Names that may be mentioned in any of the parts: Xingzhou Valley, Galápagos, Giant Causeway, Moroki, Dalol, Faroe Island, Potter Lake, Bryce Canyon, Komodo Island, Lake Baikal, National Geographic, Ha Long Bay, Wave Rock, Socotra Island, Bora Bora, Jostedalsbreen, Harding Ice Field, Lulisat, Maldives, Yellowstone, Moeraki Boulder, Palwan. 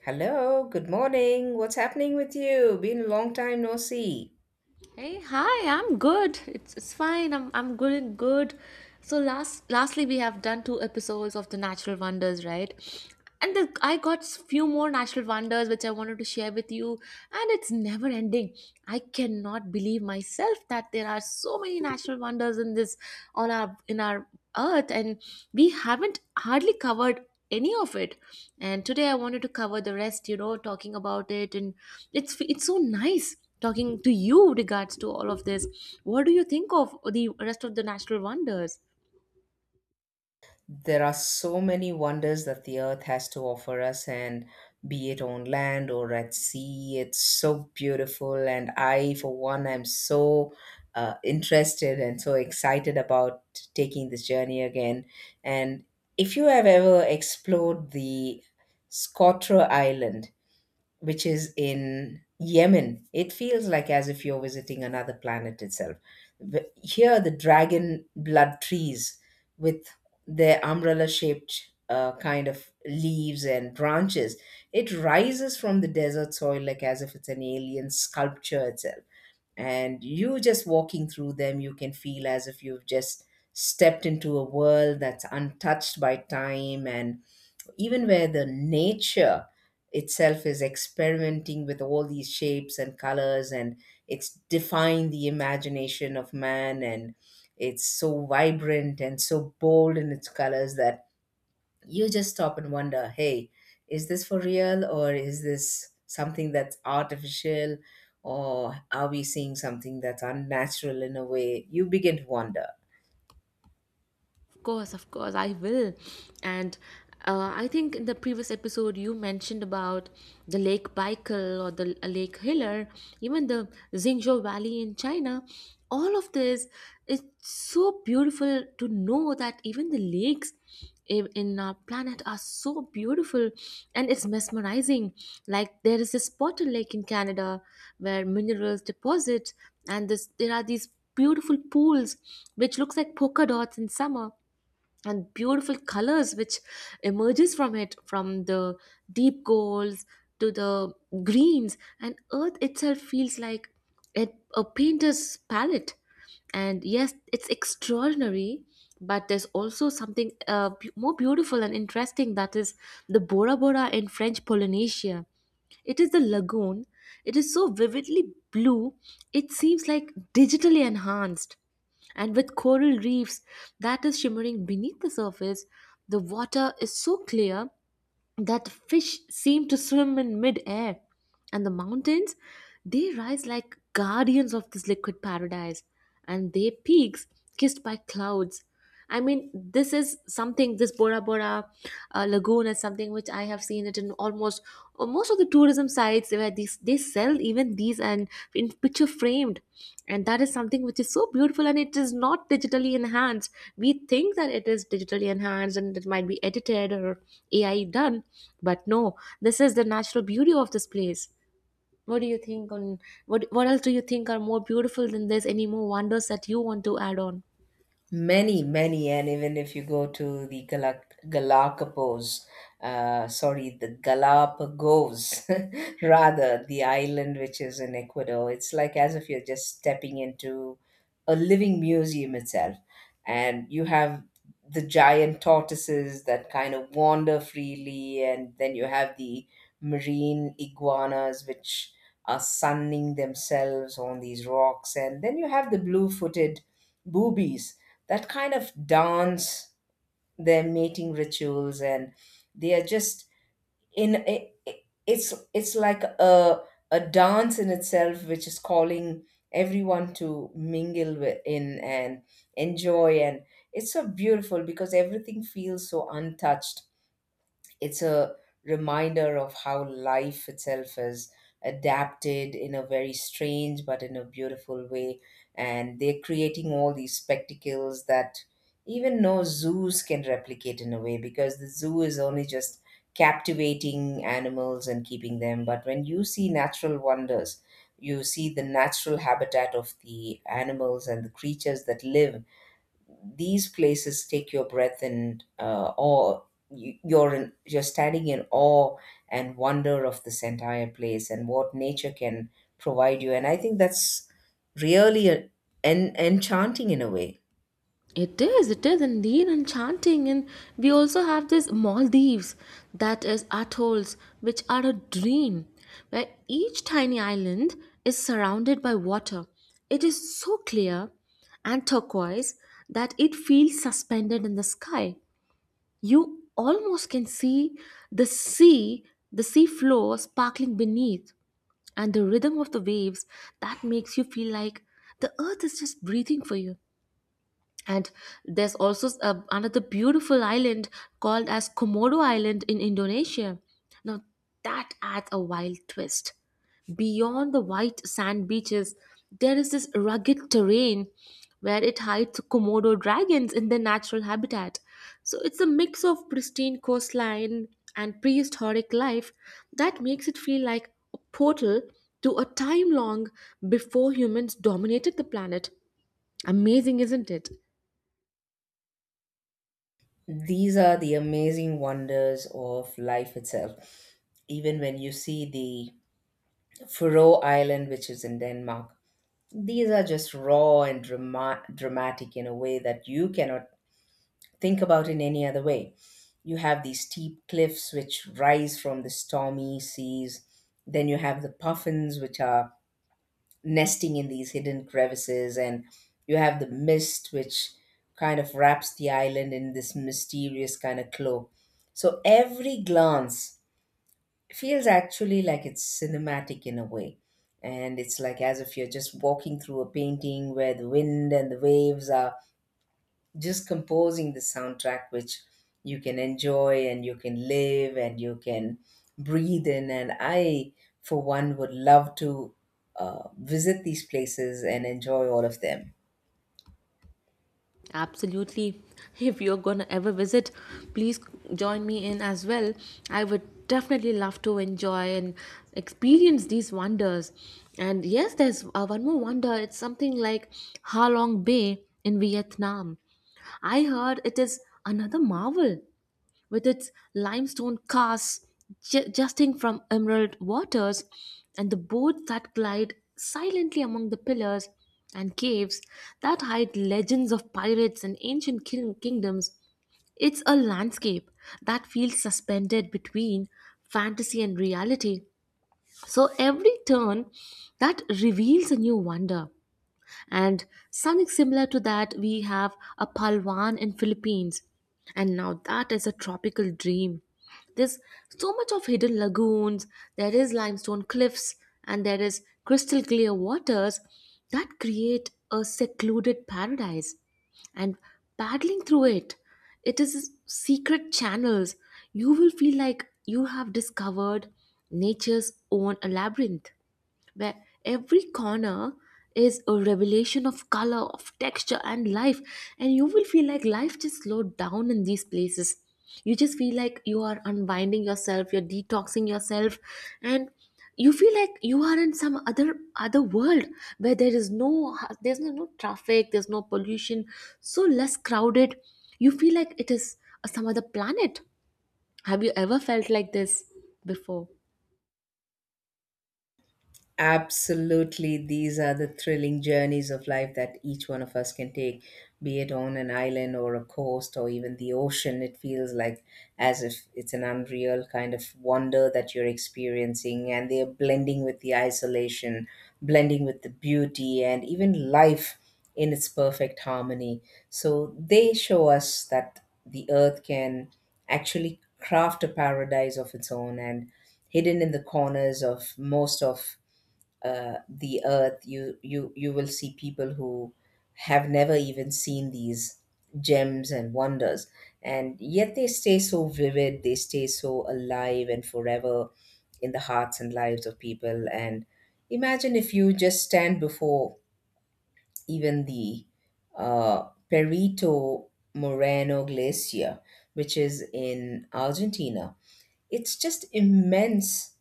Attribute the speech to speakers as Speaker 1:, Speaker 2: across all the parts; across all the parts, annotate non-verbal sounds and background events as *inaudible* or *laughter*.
Speaker 1: Hello, good morning. What's happening with you? Been a long time no see.
Speaker 2: Hey, hi, I'm good. It's fine. I'm good and good. So lastly we have done two episodes of the natural wonders, right? And the, I got few more natural wonders which I wanted to share with you, and it's never ending. I cannot believe myself that there are so many natural wonders in this on our in our earth, and we haven't hardly covered any of it, and today I wanted to cover the rest, talking about it. And it's so nice talking to you regards to all of this. What do you think of the rest of the natural wonders?
Speaker 1: There are so many wonders that the earth has to offer us, and be it on land or at sea, it's so beautiful. And I, for one, am so interested and so excited about taking this journey again. And if you have ever explored the Scotra Island, which is in Yemen, it feels like as if you're visiting another planet itself. Here, the dragon blood trees with their umbrella shaped kind of leaves and branches, it rises from the desert soil like as if it's an alien sculpture itself. And you just walking through them, you can feel as if you've just stepped into a world that's untouched by time and even where the nature itself is experimenting with all these shapes and colors, and it's defying the imagination of man, and it's so vibrant and so bold in its colors that you just stop and wonder, hey, is this for real, or is this something that's artificial, or are we seeing something that's unnatural? In a way you begin to wonder.
Speaker 2: Of course, I will. And I think in the previous episode you mentioned about the Lake Baikal or the Lake Hiller, even the Xingzhou Valley in China. All of this is so beautiful to know that even the lakes in our planet are so beautiful, and it's mesmerizing. Like there is this Potter Lake in Canada where minerals deposit, and this, there are these beautiful pools which looks like polka dots in summer, and beautiful colors which emerges from it, from the deep golds to the greens, and earth itself feels like it, a painter's palette. And yes, it's extraordinary, but there's also something more beautiful and interesting, that is the Bora Bora in French Polynesia. It is the lagoon. It is so vividly blue, it seems like digitally enhanced. And with coral reefs that is shimmering beneath the surface, the water is so clear that fish seem to swim in mid air, and the mountains, they rise like guardians of this liquid paradise, and their peaks kissed by clouds. I mean, this is something. This Bora Bora lagoon is something which I have seen it in almost most of the tourism sites where these they sell even these, and in picture framed. And that is something which is so beautiful, and it is not digitally enhanced. We think that it is digitally enhanced and it might be edited or AI done, but no, this is the natural beauty of this place. What do you think on, what else do you think are more beautiful than this? Any more wonders that you want to add on?
Speaker 1: Many, many, and even if you go to the Galapagos, the Galapagos, *laughs* rather, the island which is in Ecuador, it's like as if you're just stepping into a living museum itself. And you have the giant tortoises that kind of wander freely, and then you have the marine iguanas which are sunning themselves on these rocks, and then you have the blue footed boobies that kind of dance, their mating rituals, and they are just in it. It's like a dance in itself, which is calling everyone to mingle with, in and enjoy, and it's so beautiful because everything feels so untouched. It's a reminder of how life itself is adapted in a very strange but in a beautiful way, and they're creating all these spectacles that even no zoos can replicate, in a way, because the zoo is only just captivating animals and keeping them. But when you see natural wonders, you see the natural habitat of the animals and the creatures that live. These places take your breath and awe. You're in, you're standing in awe and wonder of this entire place and what nature can provide you. And I think that's really a, enchanting in a way.
Speaker 2: It is indeed enchanting. And we also have this Maldives, that is atolls, which are a dream, where each tiny island is surrounded by water. It is so clear and turquoise that it feels suspended in the sky. You almost can see the sea, the sea floor sparkling beneath, and the rhythm of the waves that makes you feel like the earth is just breathing for you. And there's also another beautiful island called as Komodo Island in Indonesia. Now that adds a wild twist. Beyond the white sand beaches, there is this rugged terrain where it hides Komodo dragons in their natural habitat. So it's a mix of pristine coastline and prehistoric life that makes it feel like a portal to a time long before humans dominated the planet. Amazing, isn't it?
Speaker 1: These are the amazing wonders of life itself. Even when you see the Faroe Island, which is in Denmark, these are just raw and dramatic in a way that you cannot think about in any other way. You have these steep cliffs which rise from the stormy seas. Then you have the puffins which are nesting in these hidden crevices, and you have the mist which kind of wraps the island in this mysterious kind of cloak. So every glance feels actually like it's cinematic in a way. And it's like as if you're just walking through a painting where the wind and the waves are just composing the soundtrack which you can enjoy and you can live and you can breathe in. And I for one would love to visit these places and enjoy all of them.
Speaker 2: Absolutely. If you're gonna ever visit, please join me in as well. I would definitely love to enjoy and experience these wonders. And yes, there's one more wonder. It's something like Ha Long Bay in Vietnam. I heard it is another marvel, with its limestone casts jutting from emerald waters, and the boats that glide silently among the pillars and caves that hide legends of pirates and ancient kingdoms. It's a landscape that feels suspended between fantasy and reality. So every turn that reveals a new wonder. And something similar to that, we have a Palwan in Philippines, and now that is a tropical dream. There's so much of hidden lagoons, there is limestone cliffs, and there is crystal clear waters that create a secluded paradise. And paddling through it, it is secret channels, you will feel like you have discovered nature's own labyrinth, where every corner is a revelation of color, of texture, and life. And you will feel like life just slowed down in these places. You just feel like you are unwinding yourself, you're detoxing yourself, and you feel like you are in some other world where there is no traffic, there's no pollution, so less crowded. You feel like it is some other planet. Have you ever felt like this before?
Speaker 1: Absolutely, these are the thrilling journeys of life that each one of us can take, be it on an island or a coast or even the ocean. It feels like as if it's an unreal kind of wonder that you're experiencing, and they're blending with the isolation, blending with the beauty, and even life in its perfect harmony. So they show us that the earth can actually craft a paradise of its own, and hidden in the corners of most of the earth, you will see people who have never even seen these gems and wonders, and yet they stay so vivid, they stay so alive and forever in the hearts and lives of people. And imagine if you just stand before even the Perito Moreno Glacier, which is in Argentina. It's just immense,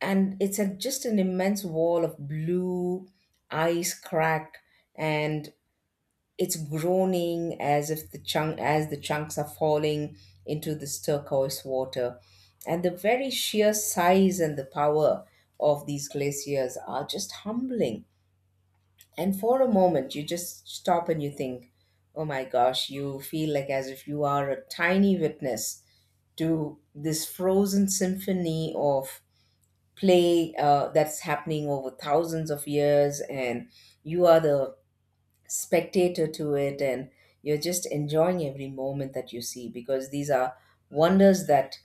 Speaker 1: and it's a, just an immense wall of blue ice cracked, and it's groaning as if the chunk as the chunks are falling into this turquoise water. And the very sheer size and the power of these glaciers are just humbling, and for a moment you just stop and you think, oh my gosh, you feel like as if you are a tiny witness to this frozen symphony of play that's happening over thousands of years, and you are the spectator to it, and you're just enjoying every moment that you see, because these are wonders that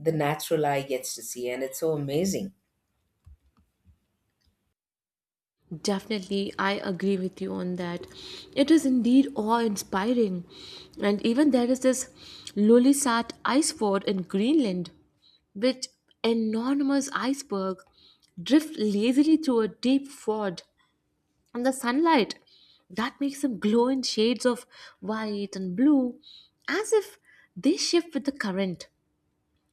Speaker 1: the natural eye gets to see, and it's so amazing.
Speaker 2: Definitely, I agree with you on that. It is indeed awe inspiring. And even there is this Lulisat ice fort in Greenland, which enormous iceberg drift lazily through a deep ford, and the sunlight that makes them glow in shades of white and blue as if they shift with the current.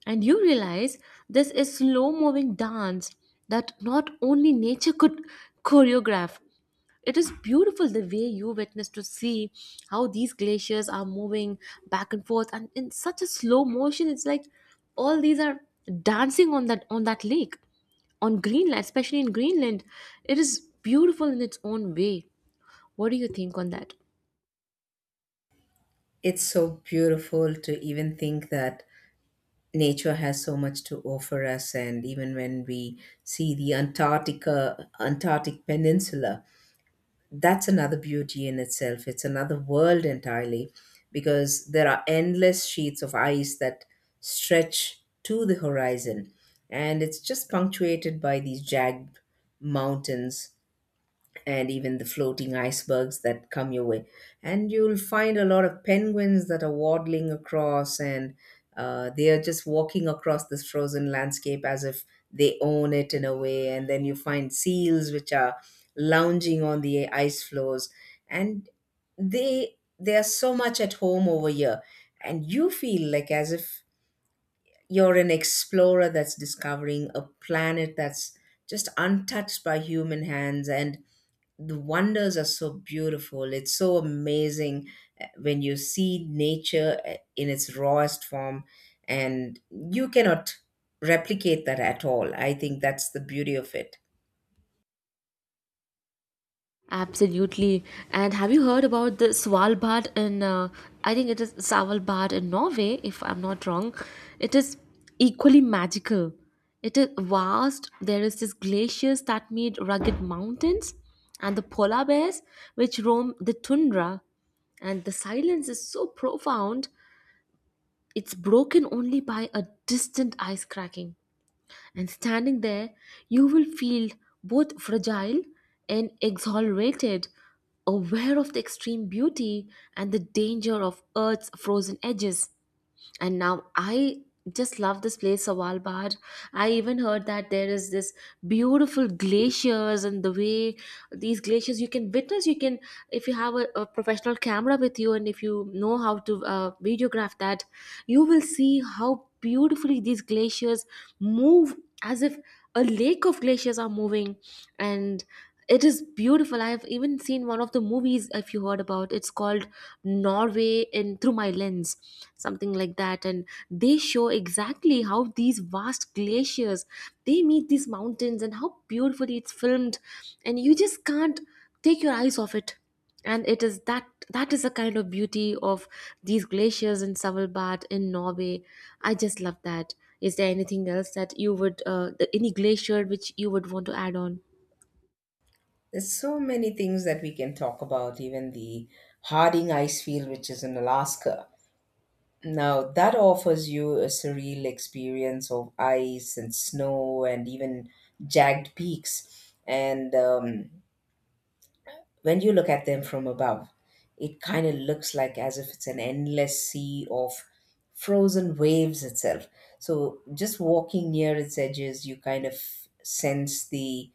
Speaker 2: And you realize this is slow moving dance that not only nature could choreograph. It is beautiful the way you witness to see how these glaciers are moving back and forth, and in such a slow motion it's like all these are dancing on that lake, on Greenland, especially in Greenland. It is beautiful in its own way. What do you think on that?
Speaker 1: It's so beautiful to even think that nature has so much to offer us. And even when we see the Antarctic Peninsula, that's another beauty in itself. It's another world entirely because there are endless sheets of ice that stretch to the horizon. And it's just punctuated by these jagged mountains and even the floating icebergs that come your way. And you'll find a lot of penguins that are waddling across, and they are just walking across this frozen landscape as if they own it in a way. And then you find seals which are lounging on the ice floes, and they are so much at home over here, and you feel like as if you're an explorer that's discovering a planet that's just untouched by human hands, and the wonders are so beautiful. It's so amazing when you see nature in its rawest form, and you cannot replicate that at all. I think that's the beauty of it.
Speaker 2: Absolutely. And have you heard about the Svalbard in, I think it is Svalbard in Norway, if I'm not wrong. It is equally magical. It is vast. There is these glaciers that meet rugged mountains, and the polar bears which roam the tundra. And the silence is so profound, it's broken only by a distant ice cracking. And standing there, you will feel both fragile and exhilarated, aware of the extreme beauty and the danger of Earth's frozen edges. And now I just love this place, Sawalbard. I even heard that there is this beautiful glaciers and the way these glaciers you can witness. You can, if you have a professional camera with you and if you know how to videograph that, you will see how beautifully these glaciers move, as if a lake of glaciers are moving. And it is beautiful. I've even seen one of the movies, if you heard about, it's called Norway in Through My Lens, something like that. And they show exactly how these vast glaciers they meet these mountains and how beautifully it's filmed, and you just can't take your eyes off it. And it is that, that is the kind of beauty of these glaciers in Svalbard in Norway. I just love that. Is there anything else that you would, any glacier which you would want to add on?
Speaker 1: There's so many things that we can talk about, even the Harding Ice Field, which is in Alaska. Now, that offers you a surreal experience of ice and snow and even jagged peaks. And when you look at them from above, it kind of looks like as if it's an endless sea of frozen waves itself. So just walking near its edges, you kind of sense the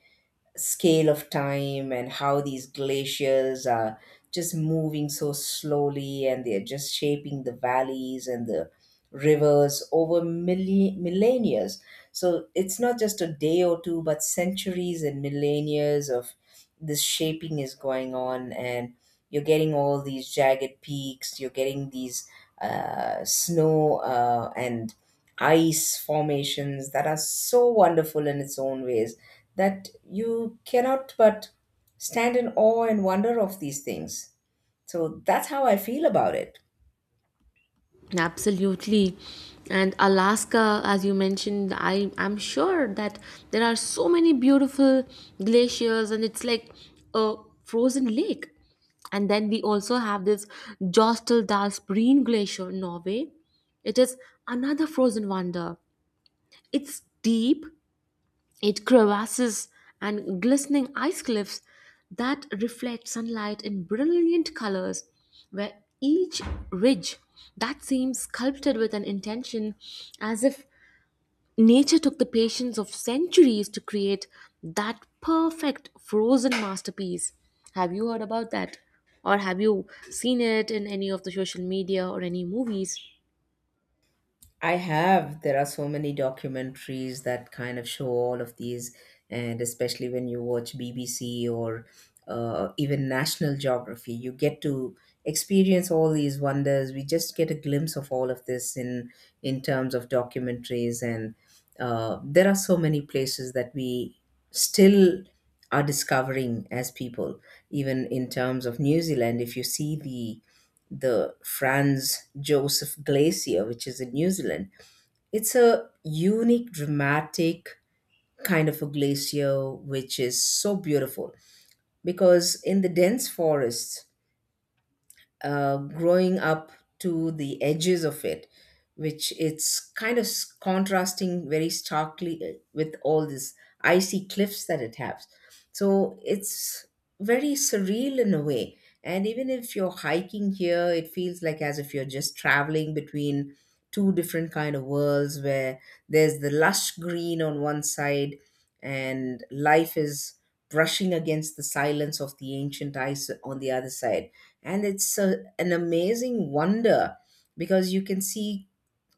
Speaker 1: scale of time and how these glaciers are just moving so slowly and they're just shaping the valleys and the rivers over millennia. So it's not just a day or two, but centuries and millennia of this shaping is going on, and you're getting all these jagged peaks, you're getting these snow and ice formations that are so wonderful in its own ways that you cannot but stand in awe and wonder of these things. So that's how I feel about it.
Speaker 2: Absolutely. And Alaska, as you mentioned, I'm sure that there are so many beautiful glaciers, and it's like a frozen lake. And then we also have this Jostedalsbreen Glacier in Norway. It is another frozen wonder. It's deep, it crevasses, and glistening ice cliffs that reflect sunlight in brilliant colors, where each ridge that seems sculpted with an intention, as if nature took the patience of centuries to create that perfect frozen masterpiece. Have you heard about that? Or have you seen it in any of the social media or any movies?
Speaker 1: I have. There are so many documentaries that kind of show all of these, and especially when you watch BBC or even National Geography, you get to experience all these wonders. We just get a glimpse of all of this in terms of documentaries, and there are so many places that we still are discovering as people. Even in terms of New Zealand, if you see the Franz Josef Glacier, which is in New Zealand, it's a unique, dramatic kind of a glacier, which is so beautiful because in the dense forests, growing up to the edges of it, which it's kind of contrasting very starkly with all these icy cliffs that it has. So it's very surreal in a way. And even if you're hiking here, it feels like as if you're just traveling between two different kind of worlds where there's the lush green on one side and life is brushing against the silence of the ancient ice on the other side, and it's a, an amazing wonder because you can see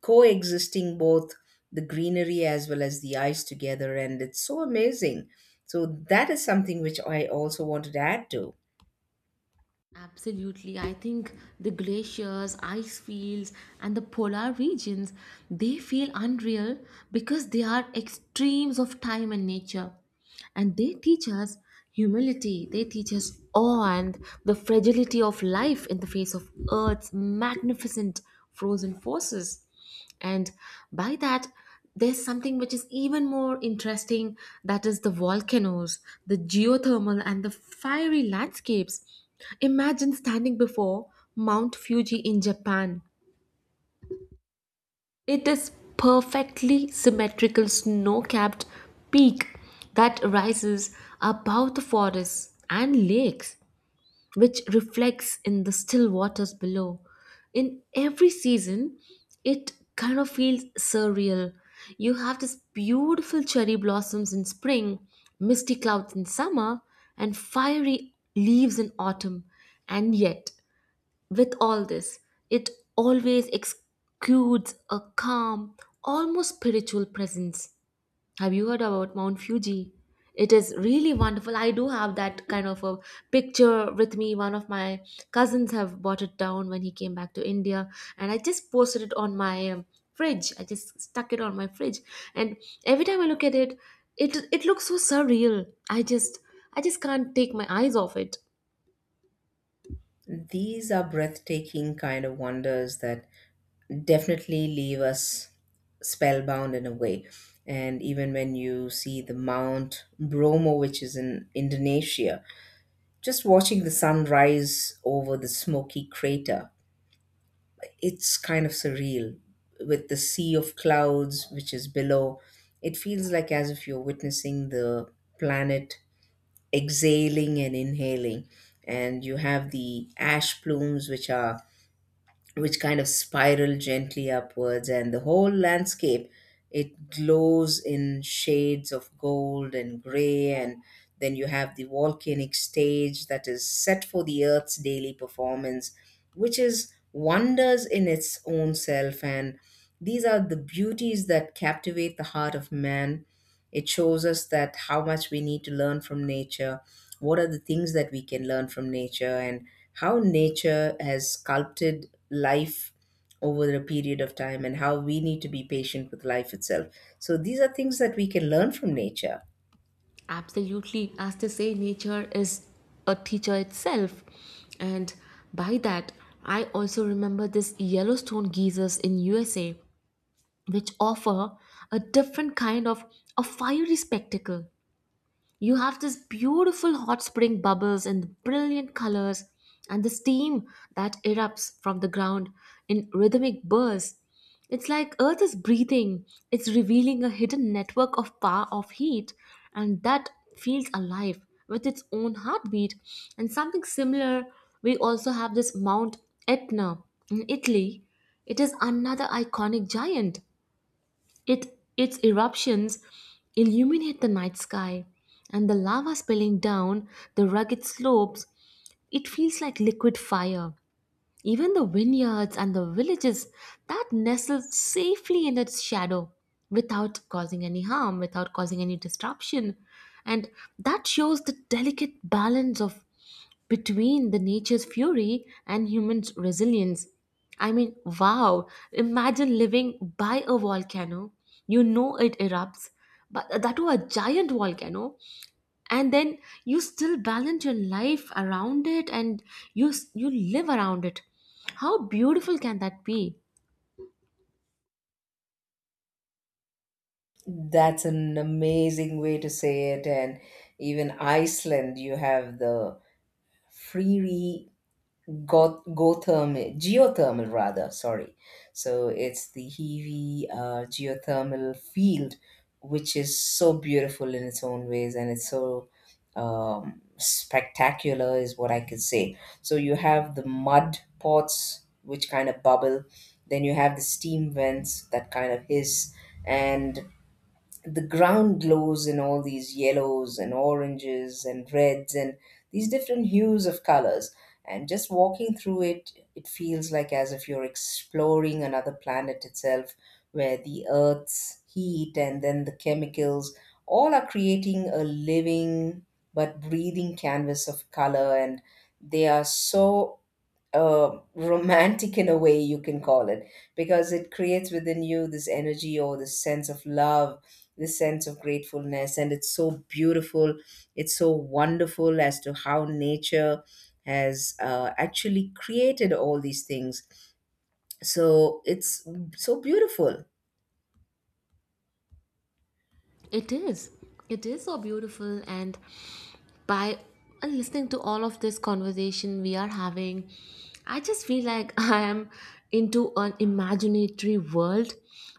Speaker 1: coexisting both the greenery as well as the ice together, and it's so amazing. So that is something which I also wanted to add to.
Speaker 2: Absolutely. I think the glaciers, ice fields, and the polar regions, they feel unreal because they are extremes of time and nature. And they teach us humility, they teach us awe and the fragility of life in the face of Earth's magnificent frozen forces. And by that, there's something which is even more interesting, that is the volcanoes, the geothermal, and the fiery landscapes. Imagine standing before Mount Fuji in Japan. It is perfectly symmetrical snow-capped peak that rises above the forests and lakes which reflects in the still waters below. In every season, it kind of feels surreal. You have this beautiful cherry blossoms in spring, misty clouds in summer, and fiery leaves in autumn. And yet, with all this, it always exudes a calm, almost spiritual presence. Have you heard about Mount Fuji? It is really wonderful. I do have that kind of a picture with me. One of my cousins have bought it down when he came back to India, and I just posted it on my fridge. I just stuck it on my fridge, and every time I look at it, it looks so surreal. I just can't take my eyes off it.
Speaker 1: These are breathtaking kind of wonders that definitely leave us spellbound in a way. And even when you see the Mount Bromo, which is in Indonesia, just watching the sun rise over the smoky crater, it's kind of surreal with the sea of clouds which is below. It feels like as if you're witnessing the planet exhaling and inhaling, and you have the ash plumes which are which kind of spiral gently upwards, and the whole landscape, it glows in shades of gold and gray. And then you have the volcanic stage that is set for the earth's daily performance, which is wonders in its own self. And these are the beauties that captivate the heart of man. It shows us that how much we need to learn from nature, what are the things that we can learn from nature, and how nature has sculpted life over a period of time, and how we need to be patient with life itself. So these are things that we can learn from nature.
Speaker 2: Absolutely, as they say, nature is a teacher itself. And by that, I also remember this Yellowstone geysers in USA, which offer a different kind of a fiery spectacle. You have this beautiful hot spring bubbles and brilliant colors, and the steam that erupts from the ground in rhythmic bursts. It's like earth is breathing. It's revealing a hidden network of power of heat, and that feels alive with its own heartbeat. And something similar, we also have this Mount Etna in Italy. It is another iconic giant. It, its eruptions illuminate the night sky, and the lava spilling down the rugged slopes, it feels like liquid fire. Even the vineyards and the villages that nestle safely in its shadow without causing any harm, without causing any disruption. And that shows the delicate balance of between the nature's fury and human's resilience. I mean, wow, imagine living by a volcano. You know it erupts, but that was a giant volcano. And then you still balance your life around it, and you live around it. How beautiful can that be?
Speaker 1: That's an amazing way to say it. And even Iceland, you have the freeree Gothermal, geothermal rather, sorry. So it's the Hiwi geothermal field, which is so beautiful in its own ways, and it's so spectacular, is what I could say. So you have the mud pots, which kind of bubble, then you have the steam vents that kind of hiss, and the ground glows in all these yellows and oranges and reds and these different hues of colors. And just walking through it, it feels like as if you're exploring another planet itself, where the earth's heat and then the chemicals all are creating a living but breathing canvas of color. And they are so romantic in a way, you can call it, because it creates within you this energy or this sense of love, this sense of gratefulness. And it's so beautiful, it's so wonderful, as to how nature has actually created all these things. So it's so beautiful.
Speaker 2: It is. It is so beautiful. And by listening to all of this conversation we are having, I just feel like *laughs* I am into an imaginary world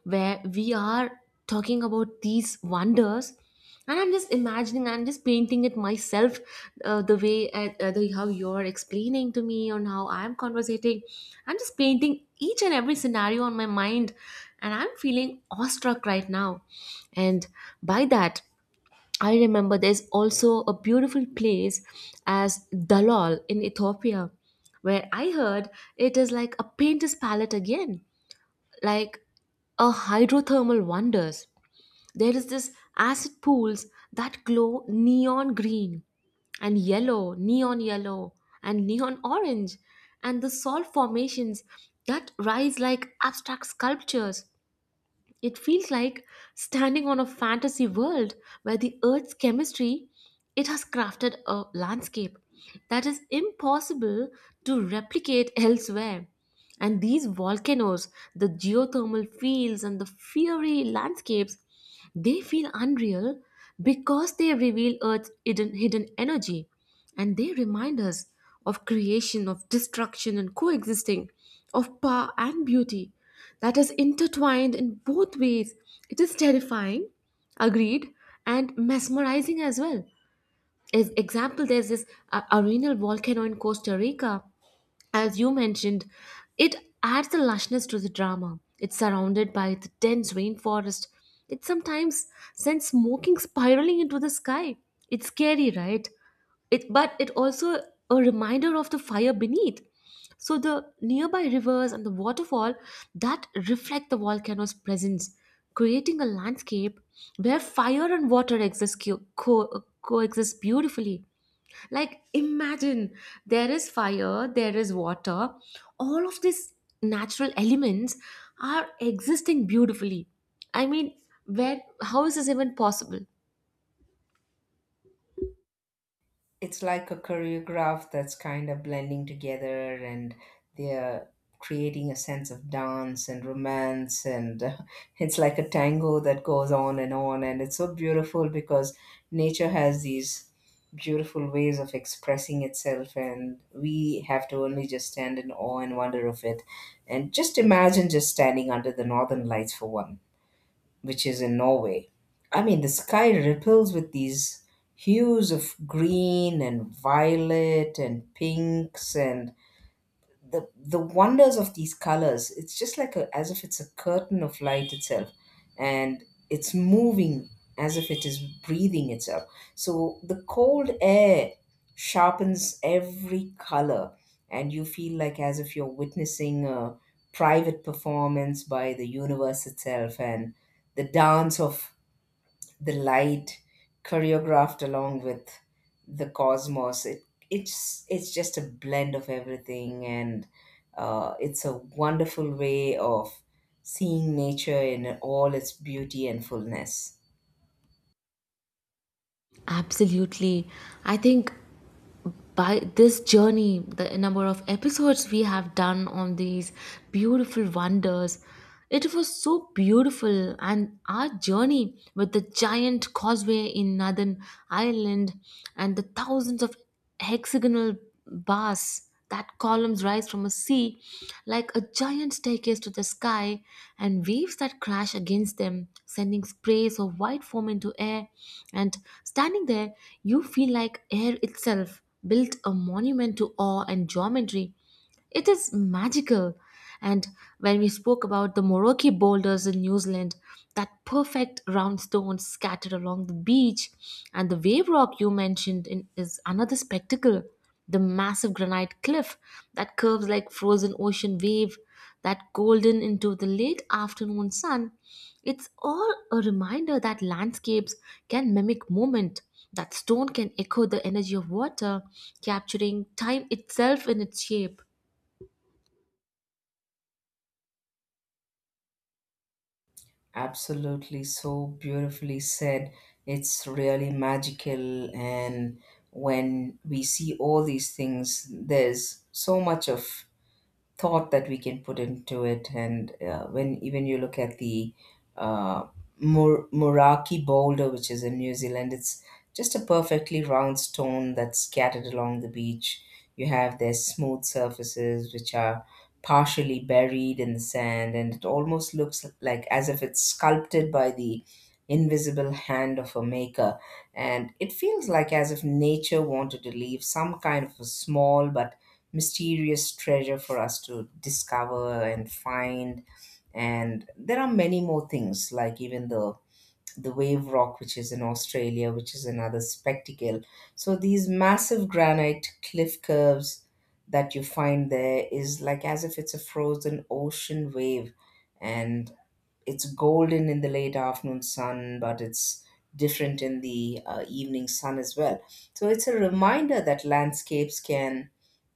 Speaker 2: where we are talking about these wonders, and I'm just imagining, I'm just painting it myself, the way how you're explaining to me on how I'm conversating. I'm just painting each and every scenario on my mind, and I'm feeling awestruck right now. And by that, I remember there's also a beautiful place as Dalol in Ethiopia, where I heard it is like a painter's palette again, like a hydrothermal wonders. There is this acid pools that glow neon green and yellow, neon yellow and neon orange, and the salt formations that rise like abstract sculptures. It feels like standing on a fantasy world where the earth's chemistry, it has crafted a landscape that is impossible to replicate elsewhere. And these volcanoes, the geothermal fields and the fiery landscapes, they feel unreal because they reveal Earth's hidden energy, and they remind us of creation, of destruction and coexisting, of power and beauty that is intertwined in both ways. It is terrifying, agreed, and mesmerizing as well. As example, there's this arenal volcano in Costa Rica. As you mentioned, it adds the lushness to the drama. It's surrounded by the dense rainforest. It sometimes sends smoking spiraling into the sky. It's scary, right? But it also a reminder of the fire beneath. So the nearby rivers and the waterfall that reflect the volcano's presence, creating a landscape where fire and water exist coexist beautifully. Like, imagine there is fire, there is water, all of these natural elements are existing beautifully. I mean, where how is this even possible?
Speaker 1: It's like a choreograph that's kind of blending together, and they're creating a sense of dance and romance and *laughs* it's like a tango that goes on and on, and it's so beautiful because nature has these beautiful ways of expressing itself, and we have to only just stand in awe and wonder of it. And just imagine just standing under the northern lights for one, which is in Norway. I mean, the sky ripples with these hues of green and violet and pinks, and the wonders of these colors, it's just like a, as if it's a curtain of light itself. And it's moving as if it is breathing itself. So the cold air sharpens every color, and you feel like as if you're witnessing a private performance by the universe itself. And the dance of the light, choreographed along with the cosmos, it's just a blend of everything. And it's a wonderful way of seeing nature in all its beauty and fullness.
Speaker 2: Absolutely. I think by this journey, the number of episodes we have done on these beautiful wonders. It was so beautiful, and our journey with the giant causeway in Northern Ireland and the thousands of hexagonal bars that columns rise from a sea like a giant staircase to the sky, and waves that crash against them sending sprays of white foam into air. And standing there, you feel like air itself built a monument to awe and geometry. It is magical. And when we spoke about the Moroki boulders in New Zealand, that perfect round stones scattered along the beach, and the wave rock you mentioned in, is another spectacle. The massive granite cliff that curves like frozen ocean wave, that golden into the late afternoon sun. It's all a reminder that landscapes can mimic movement, that stone can echo the energy of water, capturing time itself in its shape.
Speaker 1: Absolutely, so beautifully said. It's really magical. And when we see all these things, there's so much of thought that we can put into it. And when even you look at the uh, Muraki boulder, which is in New Zealand, it's just a perfectly round stone that's scattered along the beach. You have their smooth surfaces, which are partially buried in the sand, and it almost looks like as if it's sculpted by the invisible hand of a maker. And it feels like as if nature wanted to leave some kind of a small but mysterious treasure for us to discover and find. And there are many more things, like even the wave rock, which is in Australia, which is another spectacle. So these massive granite cliff curves that you find there is like as if it's a frozen ocean wave. And it's golden in the late afternoon sun, but it's different in the evening sun as well. So it's a reminder that landscapes can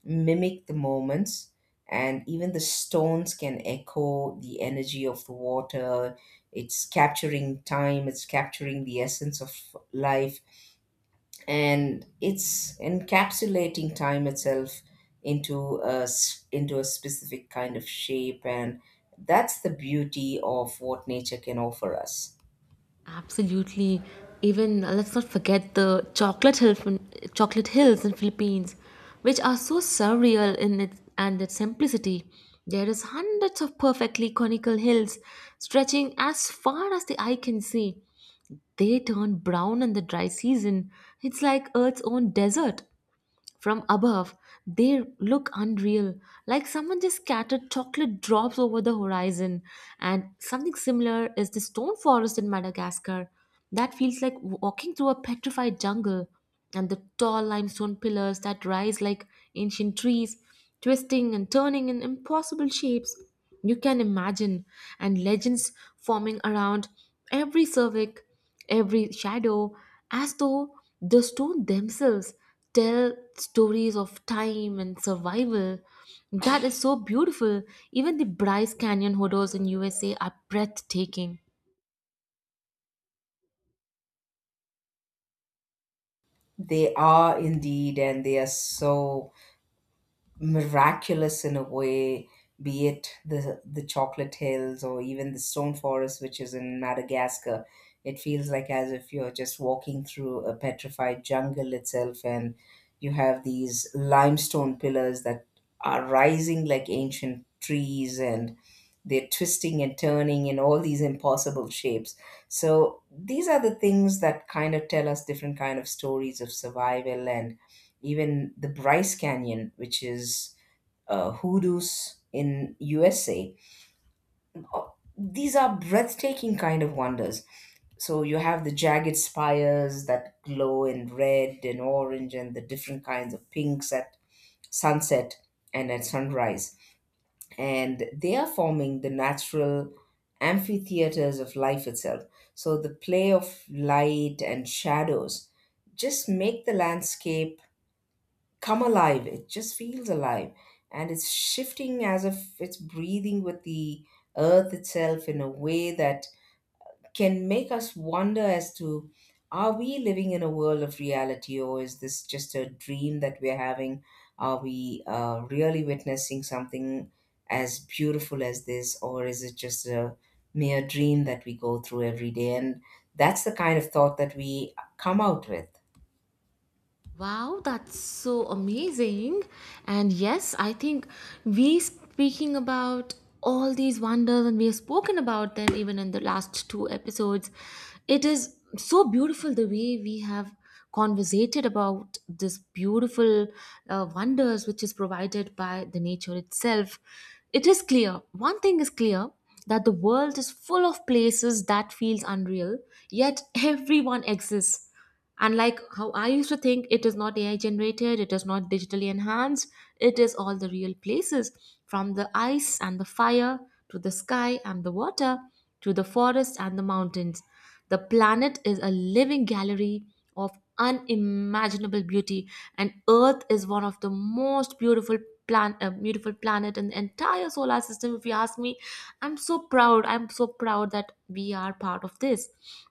Speaker 1: mimic the moments, and even the stones can echo the energy of the water. It's capturing time, it's capturing the essence of life, and it's encapsulating time itself into a into a specific kind of shape. And that's the beauty of what nature can offer us.
Speaker 2: Absolutely. Even let's not forget the chocolate hills in Philippines, which are so surreal in its and its simplicity. There is hundreds of perfectly conical hills stretching as far as the eye can see. They turn brown in the dry season. It's like Earth's own desert. From above, they look unreal, like someone just scattered chocolate drops over the horizon. And something similar is the stone forest in Madagascar. That feels like walking through a petrified jungle. And the tall limestone pillars that rise like ancient trees, twisting and turning in impossible shapes. You can imagine, and legends forming around every cervic every shadow, as though the stone themselves tell stories of time and survival. That is so beautiful. Even the Bryce Canyon hodos in USA are breathtaking.
Speaker 1: They are indeed, and they are so miraculous in a way, be it the chocolate hills or even the stone forest, which is in Madagascar. It feels like as if you're just walking through a petrified jungle itself, and you have these limestone pillars that are rising like ancient trees, and they're twisting and turning in all these impossible shapes. So these are the things that kind of tell us different kind of stories of survival. And even the Bryce Canyon, which is hoodoos in USA. Uh, These are breathtaking kind of wonders. So you have the jagged spires that glow in red and orange and the different kinds of pinks at sunset and at sunrise. And they are forming the natural amphitheaters of life itself. So the play of light and shadows just make the landscape come alive. It just feels alive. And it's shifting as if it's breathing with the earth itself, in a way that can make us wonder as to, are we living in a world of reality, or is this just a dream that we're having? Are we really witnessing something as beautiful as this, or is it just a mere dream that we go through every day? And that's the kind of thought that we come out with.
Speaker 2: Wow, that's so amazing. And yes, I think we speaking about all these wonders, and we have spoken about them even in the last two episodes. It is so beautiful the way we have conversated about this beautiful wonders which is provided by the nature itself. It is clear, one thing is clear, that the world is full of places that feels unreal, yet everyone exists. Unlike how I used to think, it is not AI generated, it is not digitally enhanced, it is all the real places from the ice and the fire to the sky and the water to the forest and the mountains. The planet is a living gallery of unimaginable beauty, and Earth is one of the most beautiful beautiful planet in the entire solar system. If you ask me, I'm so proud. I'm so proud that we are part of this.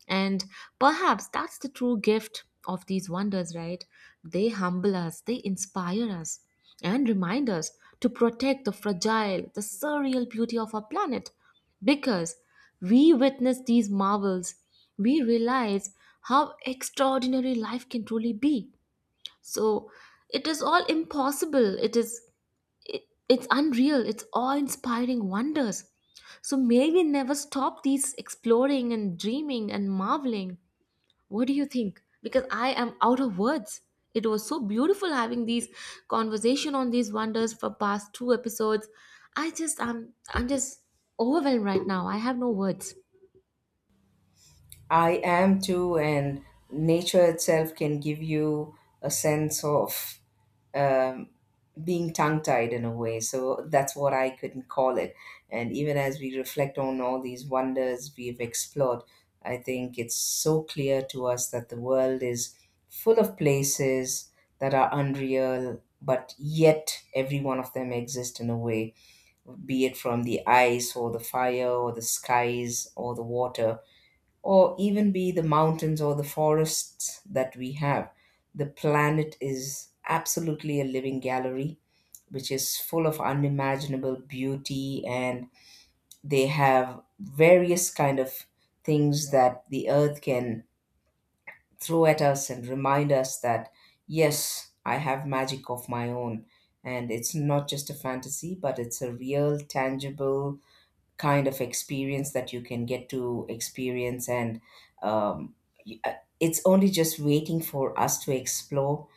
Speaker 2: And perhaps that's the true gift of these wonders, right? They humble us, they inspire us, and remind us to protect the fragile, the surreal beauty of our planet. Because we witness these marvels, we realize how extraordinary life can truly be. So it is all impossible. It is. It's unreal. It's awe-inspiring wonders. So may we never stop these exploring and dreaming and marveling. What do you think? Because I am out of words. It was so beautiful having these conversation on these wonders for past two episodes. I'm just overwhelmed right now. I have no words.
Speaker 1: I am too, and nature itself can give you a sense of um, being tongue tied in a way. So that's what I could call it. And even as we reflect on all these wonders we've explored, I think it's so clear to us that the world is full of places that are unreal, but yet every one of them exists in a way, be it from the ice or the fire or the skies or the water, or even be the mountains or the forests that we have. The planet is absolutely a living gallery, which is full of unimaginable beauty. And they have various kind of things that the earth can throw at us and remind us that yes, I have magic of my own, and it's not just a fantasy, but it's a real, tangible kind of experience that you can get to experience. And um, y- uh, it's only just waiting for us to explore.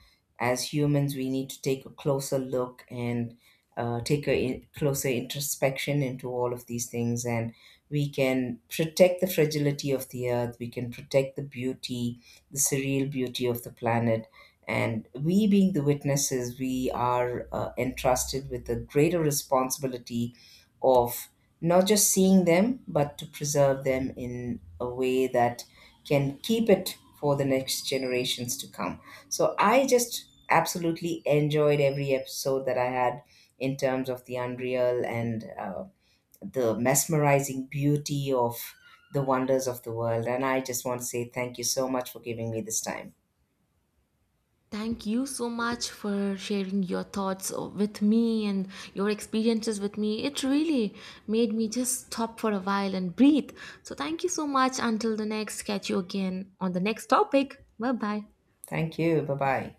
Speaker 1: As humans, we need to take a closer look and take a closer introspection into all of these things, and we can protect the fragility of the earth, we can protect the beauty, the surreal beauty of the planet. And we, being the witnesses, we are entrusted with a greater responsibility of not just seeing them, but to preserve them in a way that can keep it for the next generations to come. So I just absolutely enjoyed every episode that I had in terms of the unreal and the mesmerizing beauty of the wonders of the world. And I just want to say thank you so much for giving me this time.
Speaker 2: Thank you so much for sharing your thoughts with me and your experiences with me. It really made me just stop for a while and breathe. So, thank you so much. Until the next, catch you again on the next topic. Bye bye.
Speaker 1: Thank you. Bye bye.